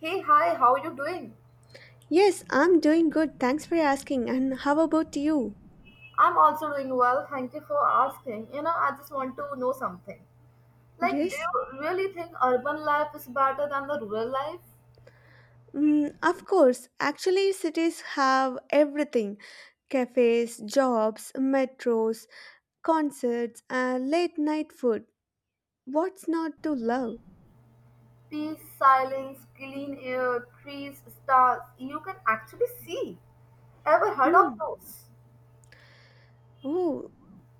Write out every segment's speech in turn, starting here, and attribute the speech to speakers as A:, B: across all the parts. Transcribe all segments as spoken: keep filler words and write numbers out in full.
A: Hey, hi, how are you doing?
B: Yes, I'm doing good. Thanks for asking. And how about you?
A: I'm also doing well, thank you for asking. You know, I just want to know something. Like, do
B: Yes?
A: you really think urban life is better than the rural life?
B: Mm, of course. Actually, cities have everything, cafes, jobs, metros, concerts, uh, late night food. What's not to love?
A: Peace, silence, clean air, trees, stars, you can actually see. Ever heard of
B: Hmm.
A: those?
B: Oh,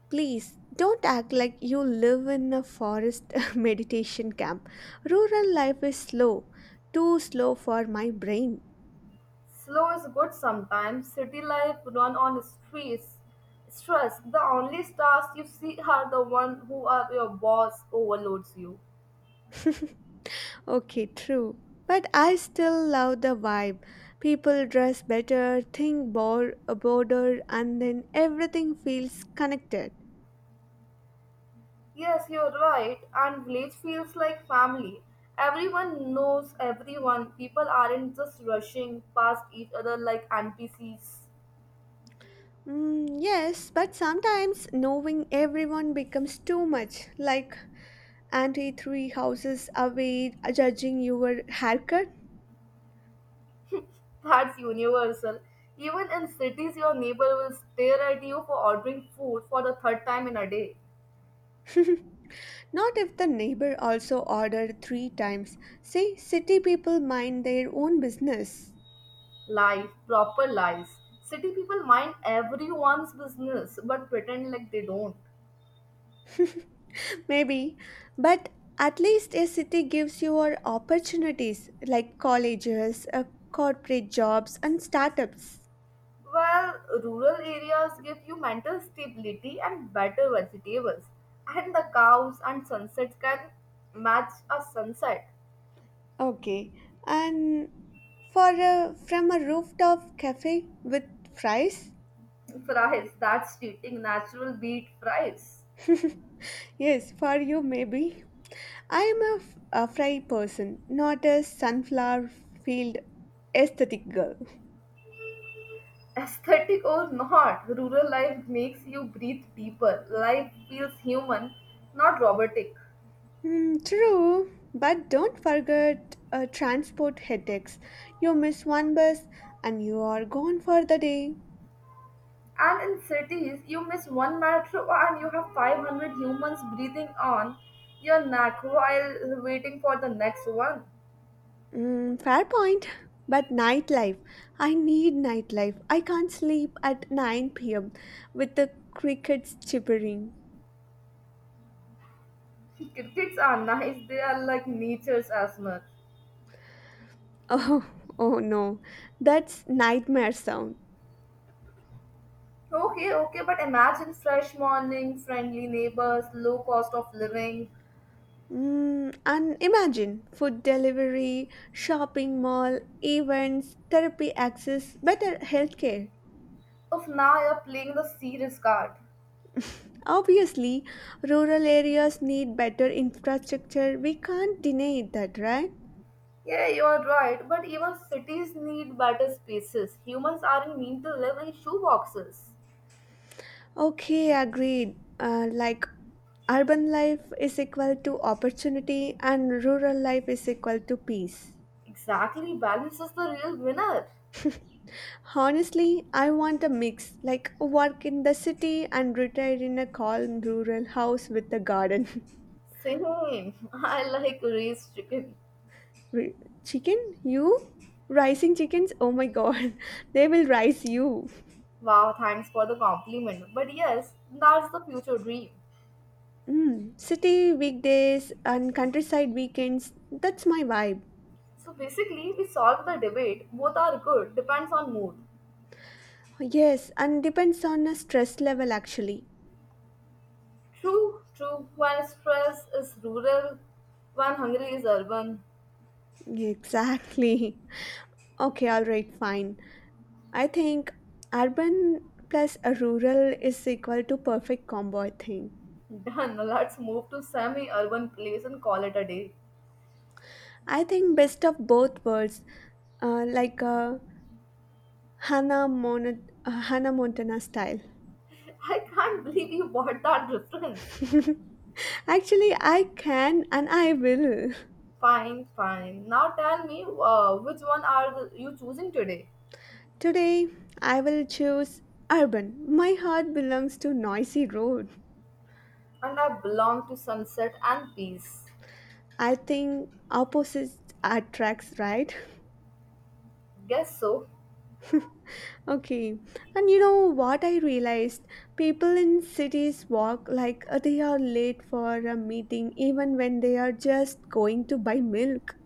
B: please don't act like you live in a forest meditation camp. Rural life is slow, too slow for my brain.
A: Slow is good sometimes. City life run on streets. Stress. The only stars you see are the one who are your boss overloads you.
B: Okay, true. But I still love the vibe. People dress better, think bor- broader, and then everything feels connected.
A: Yes, you're right. And village feels like family. Everyone knows everyone. People aren't just rushing past each other like N P Cs.
B: Mm, yes, but sometimes knowing everyone becomes too much, like Auntie three houses away judging your haircut.
A: That's universal. Even in cities, your neighbor will stare at you for ordering food for the third time in a day.
B: Not if the neighbor also ordered three times. See, city people mind their own business.
A: Life, proper lies. City people mind everyone's business but pretend like they don't.
B: Maybe, but at least a city gives you your opportunities like colleges, uh, corporate jobs, and startups.
A: Well, rural areas give you mental stability and better vegetables, and the cows and sunsets can match a sunset.
B: Okay, and for a, from a rooftop cafe with fries?
A: Fries, that's cheating natural beet fries.
B: Yes, for you maybe. I am a, f- a fry person, not a sunflower field aesthetic girl.
A: Aesthetic or not, rural life makes you breathe deeper. Life feels human, not robotic.
B: Hmm, true, but don't forget uh, transport headaches. You miss one bus and you are gone for the day.
A: And in cities, you miss one metro and you have five hundred humans breathing on your neck while waiting for the next one.
B: Mm, fair point. But nightlife. I need nightlife. I can't sleep at nine p m with the crickets chirping.
A: Crickets are nice, they are like nature's asthma.
B: Oh, oh no. That's nightmare sound.
A: Okay, okay, but imagine fresh morning, friendly neighbors, low cost of living.
B: Mm, and imagine food delivery, shopping mall, events, therapy access, better healthcare.
A: Of now you're playing the serious card.
B: Obviously, rural areas need better infrastructure. We can't deny that, right?
A: Yeah, you are right, but even cities need better spaces. Humans aren't meant to live in shoeboxes.
B: Okay, agreed. Uh, like urban life is equal to opportunity and rural life is equal to peace.
A: Exactly, balance is the real winner.
B: Honestly, I want a mix, like work in the city and retire in a calm rural house with a garden.
A: Same, I like raised chicken.
B: Wait, chicken? You? Rising chickens? Oh my god, they will rise you.
A: Wow, thanks for the compliment. But yes, that's the future dream.
B: Mm, city weekdays and countryside weekends, that's my vibe.
A: So basically, we solve the debate. Both are good, depends on mood.
B: Yes, and depends on the stress level actually.
A: True, true. When stress is rural, when hungry is urban.
B: Exactly. Okay, all right, fine. I think Urban plus a rural is equal to perfect combo, I think.
A: Done. Let's move to semi-urban place and call it a day.
B: I think best of both worlds, uh, like uh, Hannah, Mon- uh, Hannah Montana style.
A: I can't believe you bought that reference.
B: Actually, I can and I will.
A: Fine, fine. Now tell me, uh, which one are the- you choosing today?
B: Today, I will choose urban. My heart belongs to noisy road.
A: And I belong to sunset and peace.
B: I think opposites attracts, right?
A: Guess so.
B: Okay. And you know what I realized? People in cities walk like uh, they are late for a meeting even when they are just going to buy milk.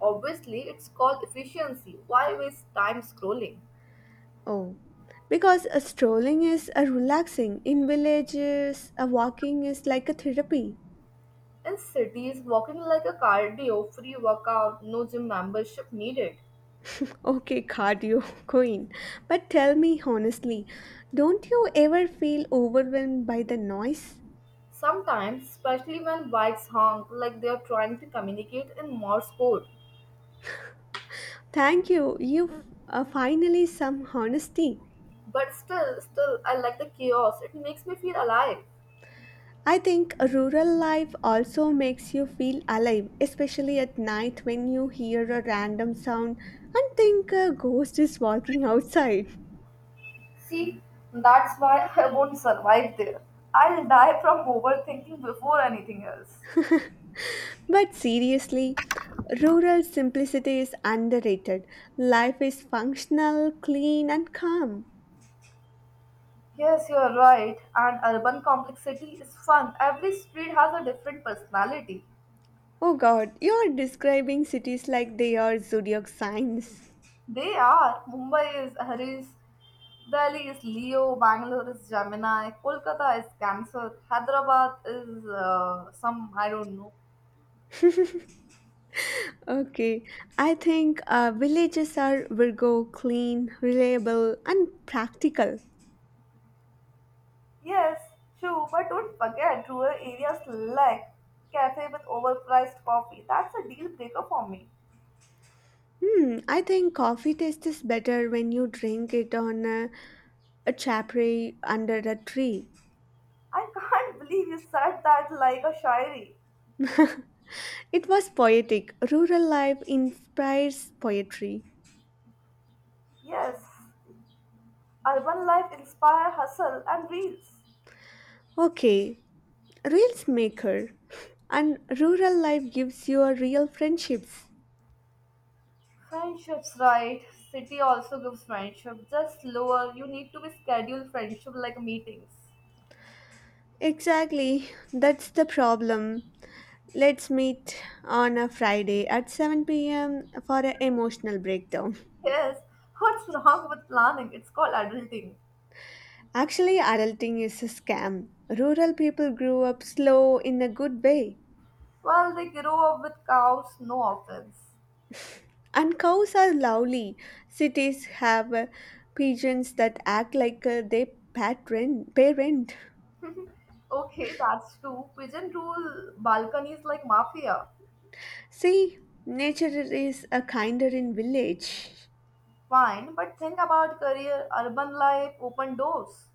A: Obviously, it's called efficiency. Why waste time scrolling?
B: Oh. Because uh, strolling is a relaxing. In villages, a walking is like a therapy.
A: In cities, walking like a cardio free workout, no gym membership needed.
B: Okay, cardio queen. But tell me honestly, don't you ever feel overwhelmed by the noise?
A: Sometimes, especially when bikes honk like they are trying to communicate in Morse code.
B: Thank you. You uh, finally some honesty.
A: But still, still, I like the chaos. It makes me feel alive.
B: I think rural life also makes you feel alive, especially at night when you hear a random sound and think a ghost is walking outside.
A: See, that's why I won't survive there. I'll die from overthinking before anything else.
B: But seriously, rural simplicity is underrated. Life is functional, clean, and calm.
A: Yes, you're right. And urban complexity is fun. Every street has a different personality.
B: Oh god, you are describing cities like they are zodiac signs.
A: They are. Mumbai is Aries, Delhi is Leo, Bangalore is Gemini, Kolkata is Cancer, Hyderabad is uh, some, I don't know.
B: Okay, I think uh, villages are Virgo, clean, reliable, and practical.
A: Yes, true, but don't forget rural areas like cafe with overpriced coffee. That's a deal breaker for me.
B: Hmm, I think coffee tastes better when you drink it on a, a chapri under a tree.
A: I can't believe you said that like a shayari.
B: It was poetic. Rural life inspires poetry.
A: Yes, urban life inspire hustle and reels.
B: Okay, reels maker. And rural life gives you a real friendships.
A: Friendships, right? City also gives friendship, just slower. You need to be scheduled friendship like meetings.
B: Exactly, that's the problem. Let's meet on a Friday at seven p m for an emotional breakdown.
A: Yes, what's wrong with planning? It's called adulting.
B: Actually, adulting is a scam. Rural people grew up slow in a good way.
A: Well, they grow up with cows, no offense.
B: And cows are lovely. Cities have uh, pigeons that act like uh, they parent. parent.
A: Okay, that's true. Pigeon rule balconies like mafia.
B: See, nature is a kinder in village.
A: Fine, but think about career, urban life, open doors.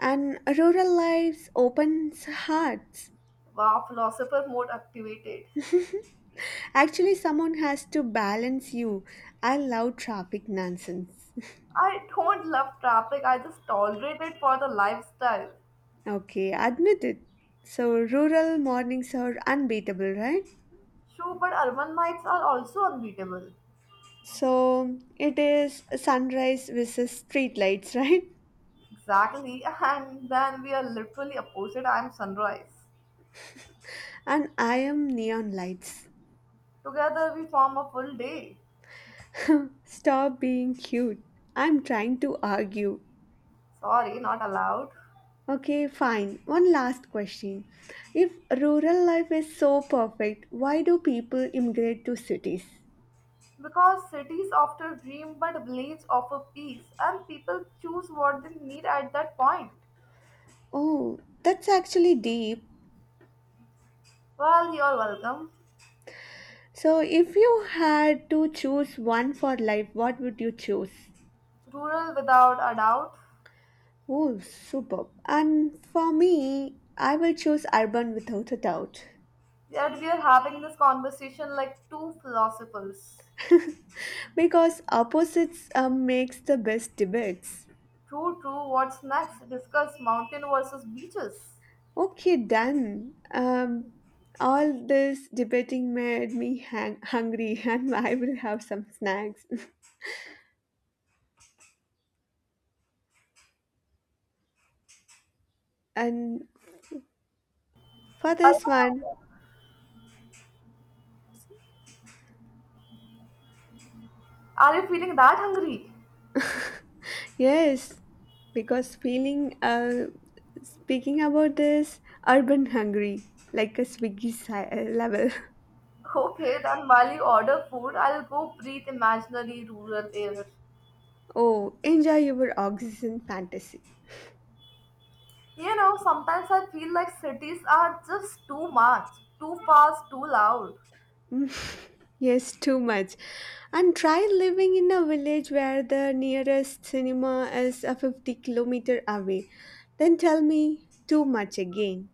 B: And rural lives opens hearts.
A: Wow, philosopher mode activated.
B: Actually, someone has to balance you. I love traffic nonsense.
A: I don't love traffic, I just tolerate it for the lifestyle.
B: Okay, admit it. So rural mornings are unbeatable, right?
A: True, but urban nights are also unbeatable.
B: So it is sunrise versus street lights, right?
A: Exactly, and then we are literally opposite. I'm sunrise.
B: And I am neon lights.
A: Together we form a full day.
B: Stop being cute. I'm trying to argue.
A: Sorry, not allowed.
B: Okay, fine. One last question. If rural life is so perfect, why do people immigrate to cities?
A: Because cities often dream, but villages offer peace, and people choose what they need at that point.
B: Oh, that's actually deep.
A: Well, you're welcome.
B: So if you had to choose one for life, what would you choose?
A: Rural without a doubt.
B: Oh, superb. And for me, I will choose urban without a doubt
A: Yet we are having this conversation like two philosophers.
B: because opposites uh, makes the best debates.
A: True, true. What's next? Discuss mountain versus beaches.
B: Okay, done. Um, all this debating made me hang- hungry and I will have some snacks. And for this
A: Urban.
B: one,
A: Are you feeling that hungry?
B: yes, because feeling uh, speaking about this urban hungry like a swiggy si- uh, level.
A: Okay, then while you order food, I'll go breathe imaginary rural air.
B: Oh, enjoy your oxygen fantasy.
A: You know, sometimes I feel like cities are just too much, too fast, too loud.
B: Yes, too much. And try living in a village where the nearest cinema is a fifty kilometer away. Then tell me too much again.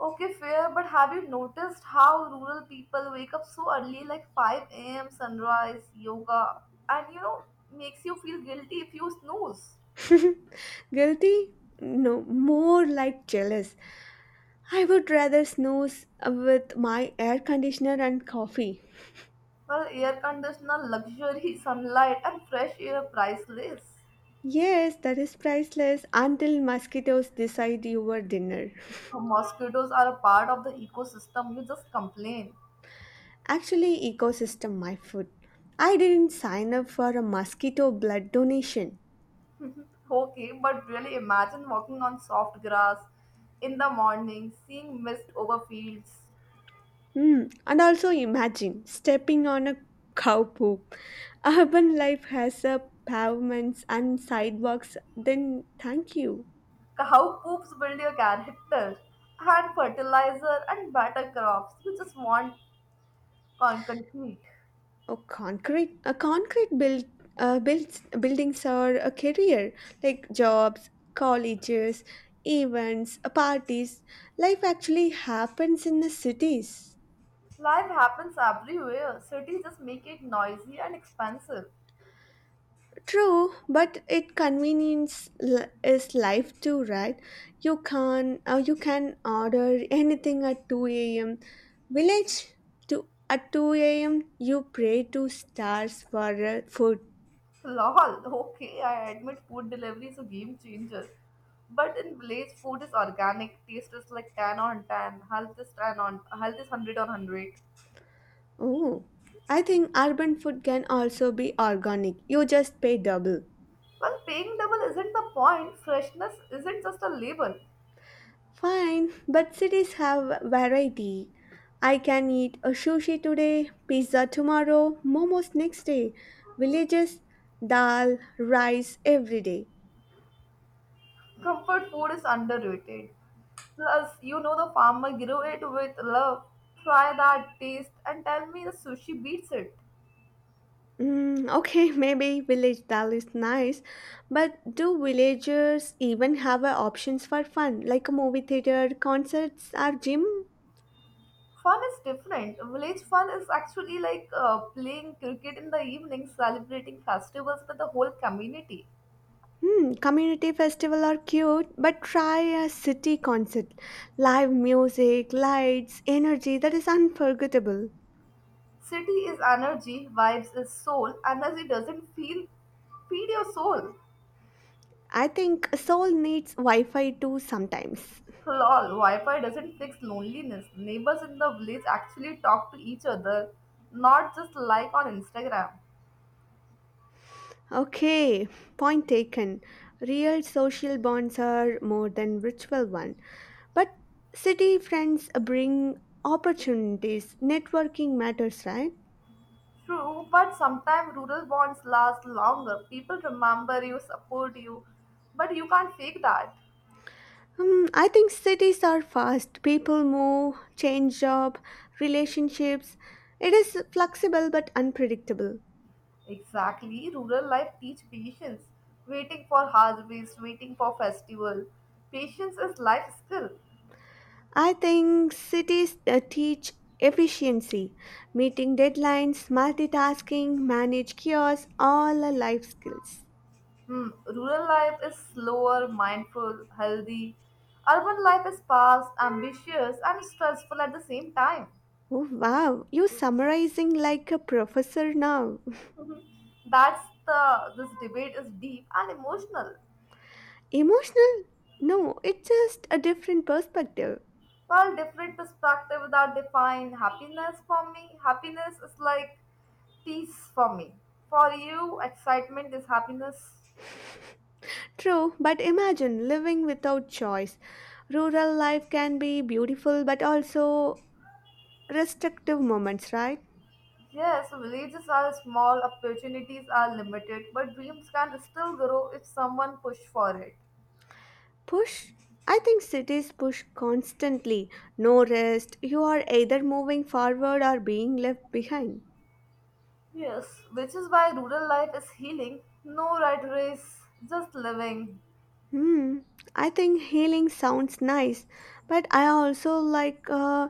A: Okay, fair, but have you noticed how rural people wake up so early, like five a m, sunrise, yoga, and you know, makes you feel guilty if you snooze?
B: Guilty? No, more like jealous. I would rather snooze with my air conditioner and coffee.
A: Well, air conditioner, luxury, sunlight, and fresh air priceless.
B: Yes, that is priceless until mosquitoes decide your dinner.
A: So, mosquitoes are a part of the ecosystem. You just complain.
B: Actually, ecosystem my food. I didn't sign up for a mosquito blood donation.
A: Okay, but really imagine walking on soft grass in the morning, seeing mist over fields.
B: Hmm, and also imagine stepping on a cow poop. Urban life has a pavements and sidewalks. Then thank you.
A: How poops build your character and fertilizer and better crops. You just want con- concrete.
B: A concrete, a concrete build, uh, builds buildings are a career like jobs, colleges, events, uh, parties. Life actually happens in the cities.
A: Life happens everywhere. Cities just make it noisy and expensive.
B: True, but it convenience li- is life too, right? You can uh, you can order anything at two a m. Village to at two a m. You pray to stars for uh, food.
A: Lol, okay, I admit food delivery is a game changer. But in Blaze, food is organic, taste is like ten on ten, health is ten on, health is one hundred on one hundred.
B: Oh, I think urban food can also be organic. You just pay double.
A: Well, paying double isn't the point, freshness isn't just a label.
B: Fine, but cities have variety. I can eat a sushi today, pizza tomorrow, momos next day. Villages, dal, rice every day.
A: Comfort food is underrated. Plus, you know the farmer grew it with love. Try that taste and tell me the sushi beats it.
B: Mm, okay, maybe village dal is nice, but do villagers even have uh, options for fun like a movie theater, concerts, or gym?
A: Fun is different. Village fun is actually like uh, playing cricket in the evening, celebrating festivals with the whole community.
B: Hmm, community festival are cute, but try a city concert. Live music, lights, energy that is unforgettable.
A: City is energy, vibes is soul. Energy doesn't feel feed your soul.
B: I think a soul needs Wi Fi too sometimes.
A: Lol, Wi-Fi doesn't fix loneliness. Neighbors in the village actually talk to each other, not just like on Instagram.
B: Okay, point taken. Real social bonds are more than virtual one. But city friends bring opportunities. Networking matters, right?
A: True, but sometimes rural bonds last longer. People remember you, support you, but you can't fake that.
B: Um, I think cities are fast. People move, change job, relationships. It is flexible but unpredictable.
A: Exactly, rural life teach patience. Waiting for harvest, waiting for festival. Patience is life skill.
B: I think cities uh, teach efficiency, meeting deadlines, multitasking, manage chaos, all are life skills.
A: Hmm. Rural life is slower, mindful, healthy. Urban life is fast, ambitious, and stressful at the same time.
B: Oh wow, you summarizing like a professor now.
A: That's the this debate is deep and emotional.
B: Emotional? No, it's just a different perspective.
A: While different perspectives that define happiness for me, happiness is like peace for me. For you, excitement is happiness.
B: True, but imagine living without choice. Rural life can be beautiful but also restrictive moments, right?
A: Yes, villages are small, opportunities are limited, but dreams can still grow if someone push for it.
B: Push? I think cities push constantly. No rest. You are either moving forward or being left behind.
A: Yes, which is why rural life is healing. No rat race, just living.
B: Hmm. I think healing sounds nice, but I also like uh,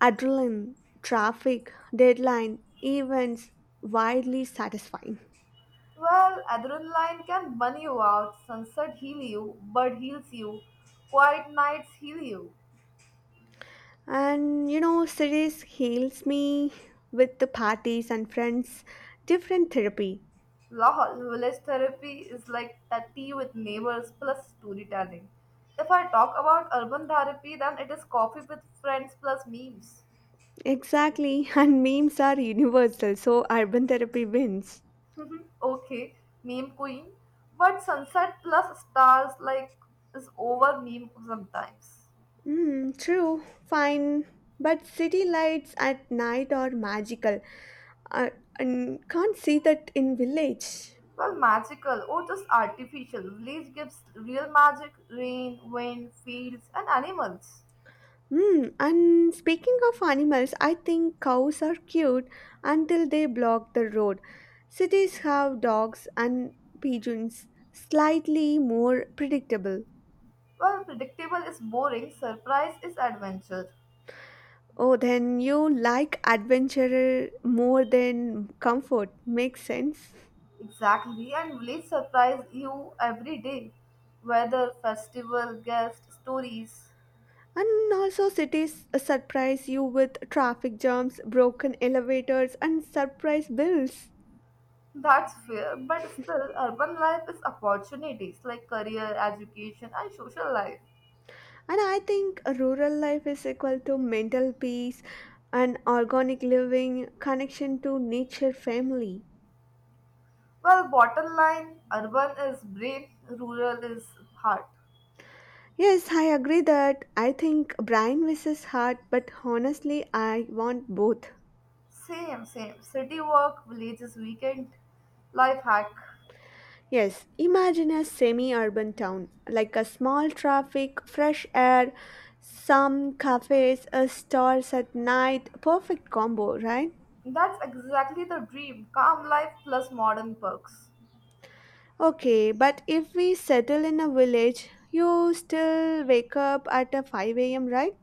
B: adrenaline, traffic, deadline, events, widely satisfying.
A: Well, adrenaline can burn you out, sunset heal you, bird heals you, quiet nights heal you.
B: And you know, cities heals me with the parties and friends, different therapy.
A: Lol, village therapy is like that tea with neighbors plus storytelling. If I talk about urban therapy, then it is coffee with friends plus memes.
B: Exactly, and memes are universal, so urban therapy wins.
A: Okay, meme queen. But sunset plus stars like is over meme sometimes.
B: Mm, true, fine. But city lights at night are magical. I, and can't see that in village.
A: Well, magical or just artificial. Release gives real magic, rain, wind, fields, and animals.
B: Mm, and speaking of animals, I think cows are cute until they block the road. Cities have dogs and pigeons, slightly more predictable.
A: Well, predictable is boring, surprise is adventure.
B: Oh, then you like adventure more than comfort. Makes sense.
A: Exactly, and village surprise you every day. Weather, festival, guest, stories.
B: And also, cities surprise you with traffic jams, broken elevators, and surprise bills.
A: That's fair, but still, urban life is opportunities like career, education, and social life.
B: And I think rural life is equal to mental peace and organic living, connection to nature, family.
A: Well, bottom line, urban is brain, rural is heart.
B: Yes, I agree that I think brain versus heart, but honestly, I want both.
A: Same, same. City work, village is weekend. Life hack.
B: Yes, imagine a semi urban town, like a small traffic, fresh air, some cafes, a stores at night. Perfect combo, right?
A: That's exactly the dream. Calm life plus modern perks.
B: Okay, but if we settle in a village, you still wake up at a five a m, right?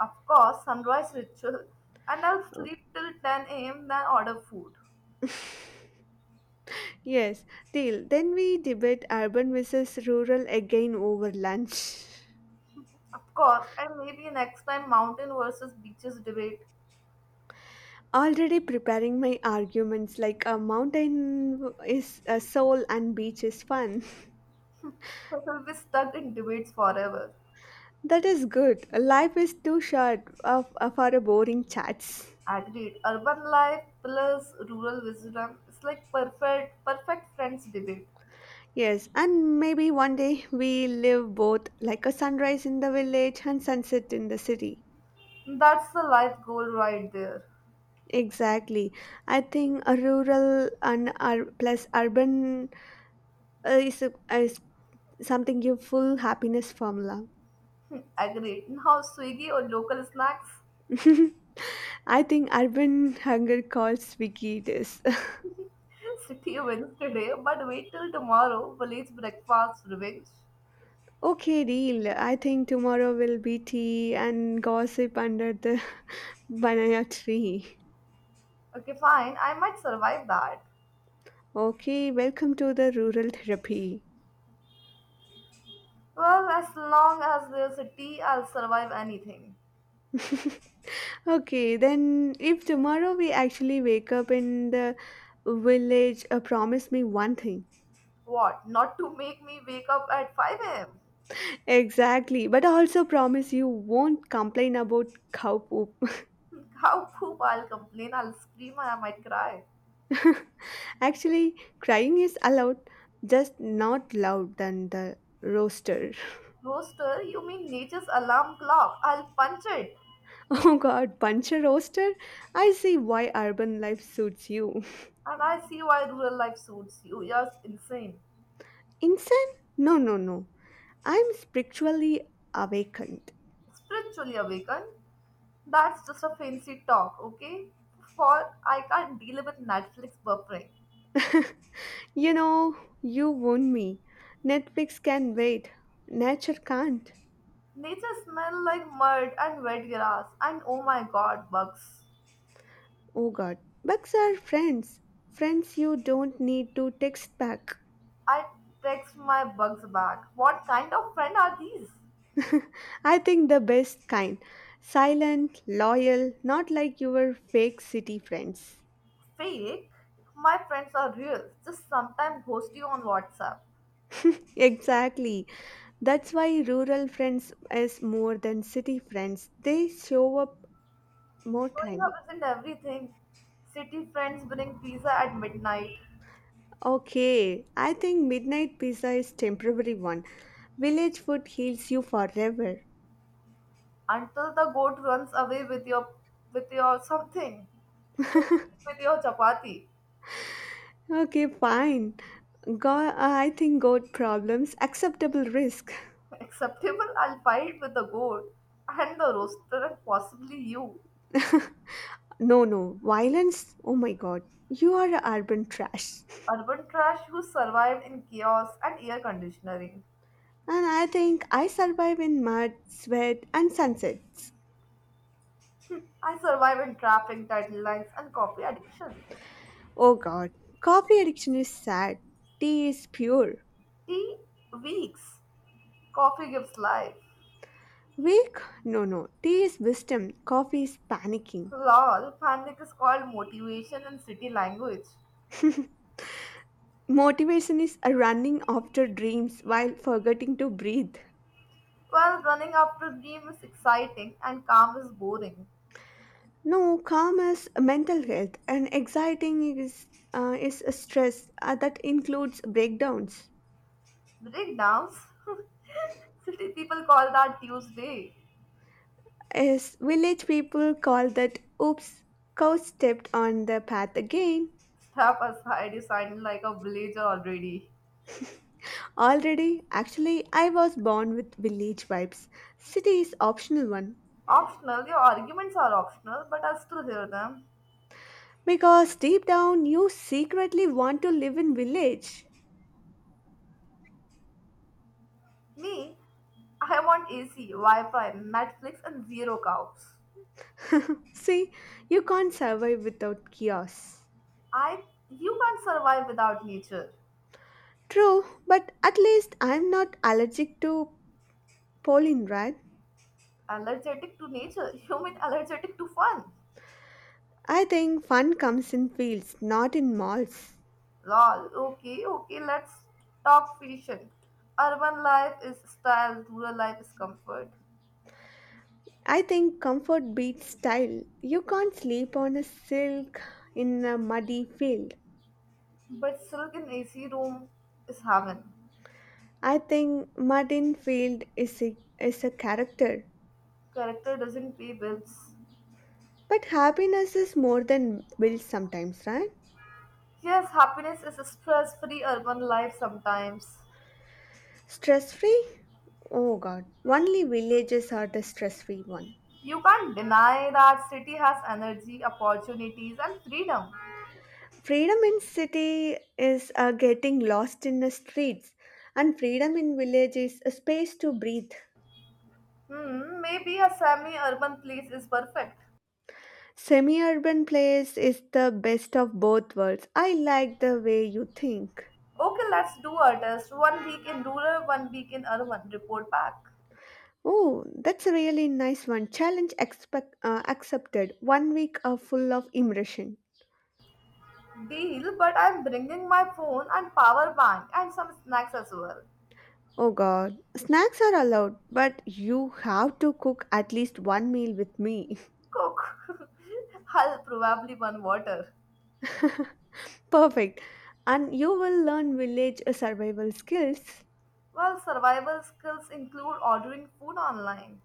A: Of course, sunrise ritual, and I'll
B: Okay.
A: sleep till ten a m then order food.
B: Yes, deal. Then we debate urban versus rural again over lunch.
A: Of course, and maybe next time mountain versus beaches debate.
B: Already preparing my arguments like a mountain is a soul and beach is fun.
A: We will be stuck in debates forever.
B: That is good. Life is too short of, of our boring chats.
A: Agreed. Urban life plus rural wisdom is like perfect perfect friends debate.
B: Yes, and maybe one day we live both like a sunrise in the village and sunset in the city.
A: That's the life goal right there.
B: Exactly. I think a rural and ur- plus urban uh, is, a, is something give full happiness formula.
A: Hmm, agreed. Now Swiggy or local snacks?
B: I think urban hunger calls Vicky this.
A: City wins today, but wait till tomorrow. Village breakfast revenge.
B: Okay, deal. I think tomorrow will be tea and gossip under the banana tree.
A: Okay, fine. I might survive that.
B: Okay, welcome to the rural therapy.
A: Well, as long as there's a tea, I'll survive anything.
B: Okay, then if tomorrow we actually wake up in the village, uh, promise me one thing.
A: What? Not to make me wake up at five a m.
B: Exactly, but also promise you won't complain about cow poop.
A: Cow poop, I'll complain, I'll scream, and I might cry.
B: Actually, crying is allowed, just not loud than the roaster.
A: Rooster, you mean nature's alarm clock? I'll punch it.
B: Oh god, punch a roaster? I see why urban life suits you.
A: And I see why rural life suits you. You're insane.
B: Insane? No, no, no. I'm spiritually awakened.
A: Spiritually awakened? That's just a fancy talk, okay? For I can't deal with Netflix buffering.
B: You know, you won me. Netflix can wait. Nature can't.
A: Nature smell like mud and wet grass, and oh my god, bugs.
B: Oh god. Bugs are friends. Friends you don't need to text back.
A: I text my bugs back. What kind of friend are these?
B: I think the best kind. Silent, loyal, not like your fake city friends.
A: Fake? My friends are real. Just sometimes ghost you on WhatsApp.
B: Exactly. That's why rural friends is more than city friends. They show up more
A: Showing up
B: time.
A: isn't everything. City friends bring pizza at midnight
B: Okay, I think midnight pizza is temporary one. Village food heals you forever.
A: until the goat runs away with your with your something. Maybe with your chapati.
B: Okay, fine. God, I think God problems, acceptable risk.
A: Acceptable, I'll fight with the goat and the roaster and possibly you.
B: No, no, violence. Oh my God, you are a urban trash.
A: Urban trash who survived in chaos and air conditioning.
B: And I think I survive in mud, sweat, and sunsets.
A: I survive in traffic, title lines and copy addiction.
B: Oh God, coffee addiction is sad. Tea is pure.
A: T weeks. Coffee gives life.
B: Weak? No, no. Tea is wisdom. Coffee is panicking.
A: Lol, panic is called motivation in city language.
B: Motivation is a running after dreams while forgetting to breathe.
A: While running after a dream is exciting and calm is boring.
B: No, calm is mental health, and exciting is uh, is a stress uh, that includes breakdowns.
A: Breakdowns? City people call that Tuesday.
B: As village people call that, oops, cow stepped on the path again.
A: Step aside, you sound like a villager already.
B: Already, actually, I was born with village vibes. City is optional one
A: Optional, your arguments are optional, but I still hear them.
B: because deep down you secretly want to live in village.
A: Me, I want A C, Wi Fi, Netflix, and zero cows.
B: See, you can't survive without chaos.
A: I, you can't survive without nature.
B: True, but at least I'm not allergic to pollen, right?
A: Allergic to nature? You mean allergic to fun?
B: I think fun comes in fields, not in malls.
A: Lol. Okay, okay, let's talk fashion. Urban life is style, rural life is comfort.
B: I think comfort beats style. You can't sleep on a silk in a muddy field.
A: But silk in A C room is heaven.
B: I think mud in field is a, is a character.
A: Character doesn't pay bills.
B: But happiness is more than bills sometimes, right?
A: Yes, happiness is a stress free urban life sometimes.
B: Stress free? Oh god, only villages are the stress free one.
A: You can't deny that city has energy, opportunities, and freedom.
B: Freedom in city is uh, getting lost in the streets, and freedom in village is a space to breathe.
A: Hmm, maybe a semi urban place is perfect.
B: Semi urban place is the best of both worlds. I like the way you think.
A: Okay, let's do a One week in rural, one week in urban. Report back.
B: Oh, that's a really nice one. Challenge expect, uh, accepted. One week are full of immersion.
A: Deal, but I'm bringing my phone and power bank and some snacks as well.
B: Oh god. Snacks are allowed, but you have to cook at least one meal with me.
A: Cook. I'll probably burn water.
B: Perfect. And you will learn village survival skills.
A: Well, survival skills include ordering food online.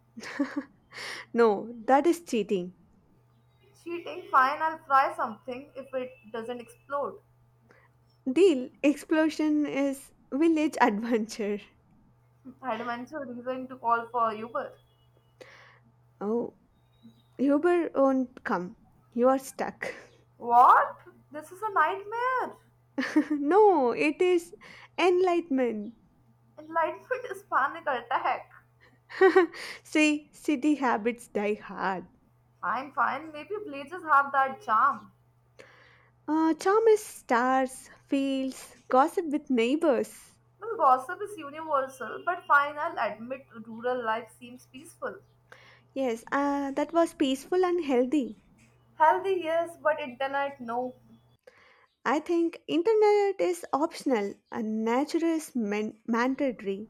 B: No, that is cheating.
A: Cheating, fine, I'll try something if it doesn't explode.
B: Deal explosion is village adventure.
A: Adventure reason to call for Uber.
B: Oh. Uber won't come. You are stuck.
A: What? This is a nightmare.
B: No, it is enlightenment.
A: Enlightenment is panic attack.
B: See, city habits die hard.
A: I'm fine. Maybe villages have that charm.
B: Uh, charm is stars, fields, gossip with neighbors.
A: Well, gossip is universal, but fine, I'll admit rural life seems peaceful.
B: Yes, uh, that was peaceful and healthy.
A: Healthy, yes, but internet, no.
B: I think internet is optional and nature is man- mandatory.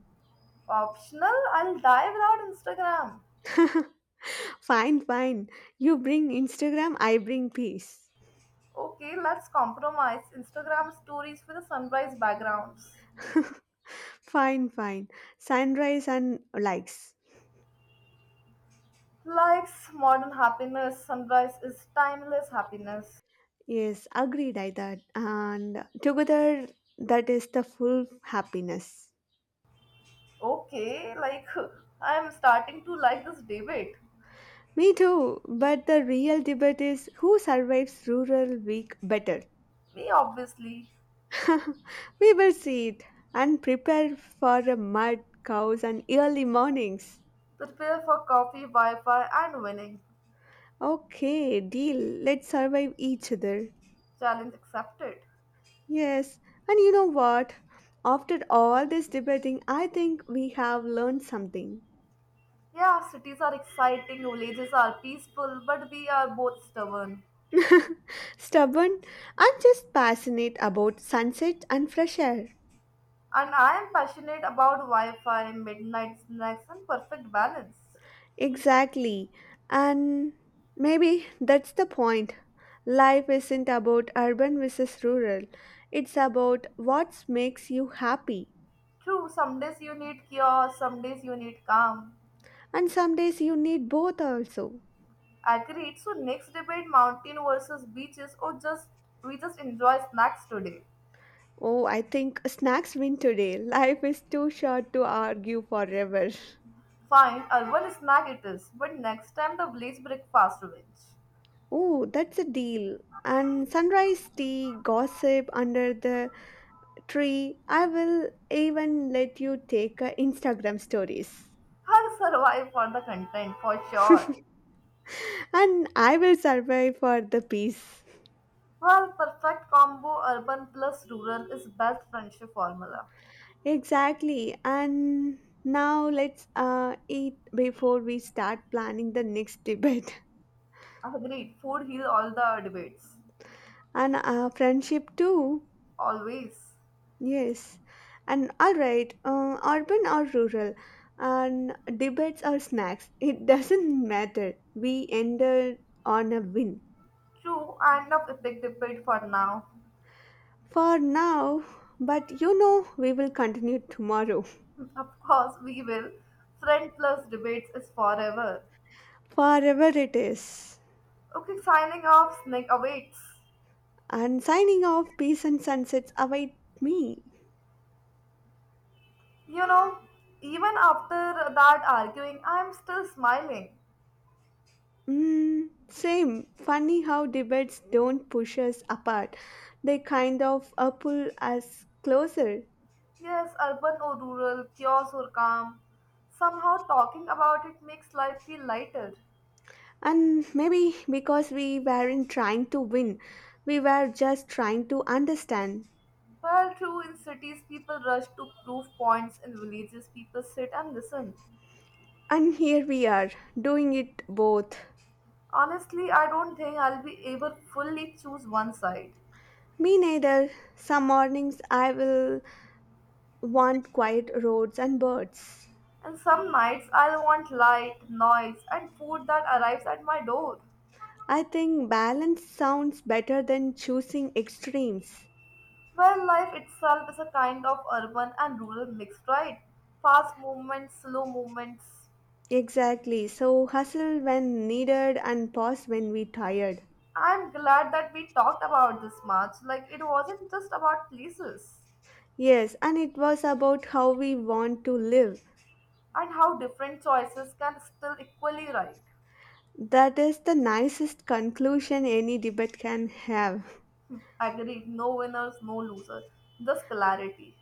A: Optional, I'll die without Instagram.
B: fine, fine. You bring Instagram, I bring peace.
A: Okay, let's compromise. Instagram stories with the sunrise backgrounds.
B: fine, fine. Sunrise and likes.
A: Likes modern happiness, sunrise is timeless happiness.
B: Yes, agreed. I that and together that is the full happiness.
A: Okay, like, I'm starting to like this debate.
B: Me too. But the real debate is who survives rural week better.
A: Me, obviously.
B: We will see it and prepare for a mud, cows, and early mornings.
A: Prepare for coffee, Wi Fi, and winning.
B: Okay, deal. Let's survive each other.
A: Challenge accepted.
B: Yes, and you know what? After all this debating, I think we have learned something.
A: Yeah, cities are exciting, villages are peaceful, but we are both stubborn.
B: Stubborn? I'm just passionate about sunset and fresh air.
A: And I am passionate about Wi Fi, midnight snacks, and perfect balance.
B: Exactly. And maybe that's the point. Life isn't about urban versus rural, it's about what makes you happy.
A: True, some days you need chaos, some days you need calm.
B: And some days you need both also.
A: Agreed, so next debate mountain versus beaches, or just we just enjoy snacks today.
B: Oh, I think snacks win today. Life is too short to argue forever.
A: Fine, urban snack it is, but next time the village breakfast revenge.
B: Oh, that's a deal. And sunrise tea, gossip under the tree, I will even let you take uh, Instagram stories.
A: I'll survive for the content for sure.
B: And I will survive for the peace.
A: Well, perfect combo urban plus rural is best friendship formula.
B: Exactly. And now let's uh, eat before we start planning the next debate.
A: Agreed, food heals all the debates.
B: And uh, friendship too.
A: Always.
B: Yes, and all right, uh, urban or rural, and debates or snacks, it doesn't matter, we ended on a win.
A: True, end of epic debate for now.
B: For now, but you know we will continue tomorrow.
A: Of course, we will. Friend plus debates is forever.
B: Forever it is.
A: Okay, signing off, snake awaits.
B: And signing off, peace and sunsets await me.
A: You know, even after that arguing, I am still smiling.
B: Mm, same. Funny how debates don't push us apart. They kind of uh, pull us closer.
A: Yes, urban or rural, chaos or calm. Somehow talking about it makes life feel lighter.
B: And maybe because we weren't trying to win, we were just trying to understand.
A: Well, true, in cities people rush to prove points, in villages people sit and listen.
B: And here we are, doing it both.
A: Honestly, I don't think I'll be able fully choose one side.
B: Me neither. Some mornings I will want quiet roads and birds.
A: And some nights I'll want light, noise, and food that arrives at my door.
B: I think balance sounds better than choosing extremes.
A: Well, life itself is a kind of urban and rural mixed, right? Fast movements, slow movements.
B: Exactly. So hustle when needed and pause when we tired.
A: I'm glad that we talked about this much. Like, it wasn't just about places
B: Yes, and it was about how we want to live.
A: and how different choices can still equally right.
B: That is the nicest conclusion any debate can have.
A: Agreed, no winners, no loser. Just clarity.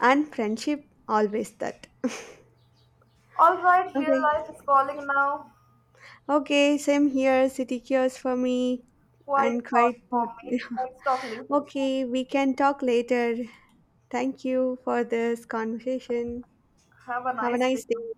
B: And friendship always that.
A: All right, real
B: Okay.
A: life is calling now.
B: Okay, same here. City cures for me
A: Quite
B: and
A: hard
B: quite
A: for
B: good.
A: me. Let's talk later.
B: Okay, we can talk later. Thank you for this conversation.
A: Have a
B: Have a
A: nice day.
B: nice day.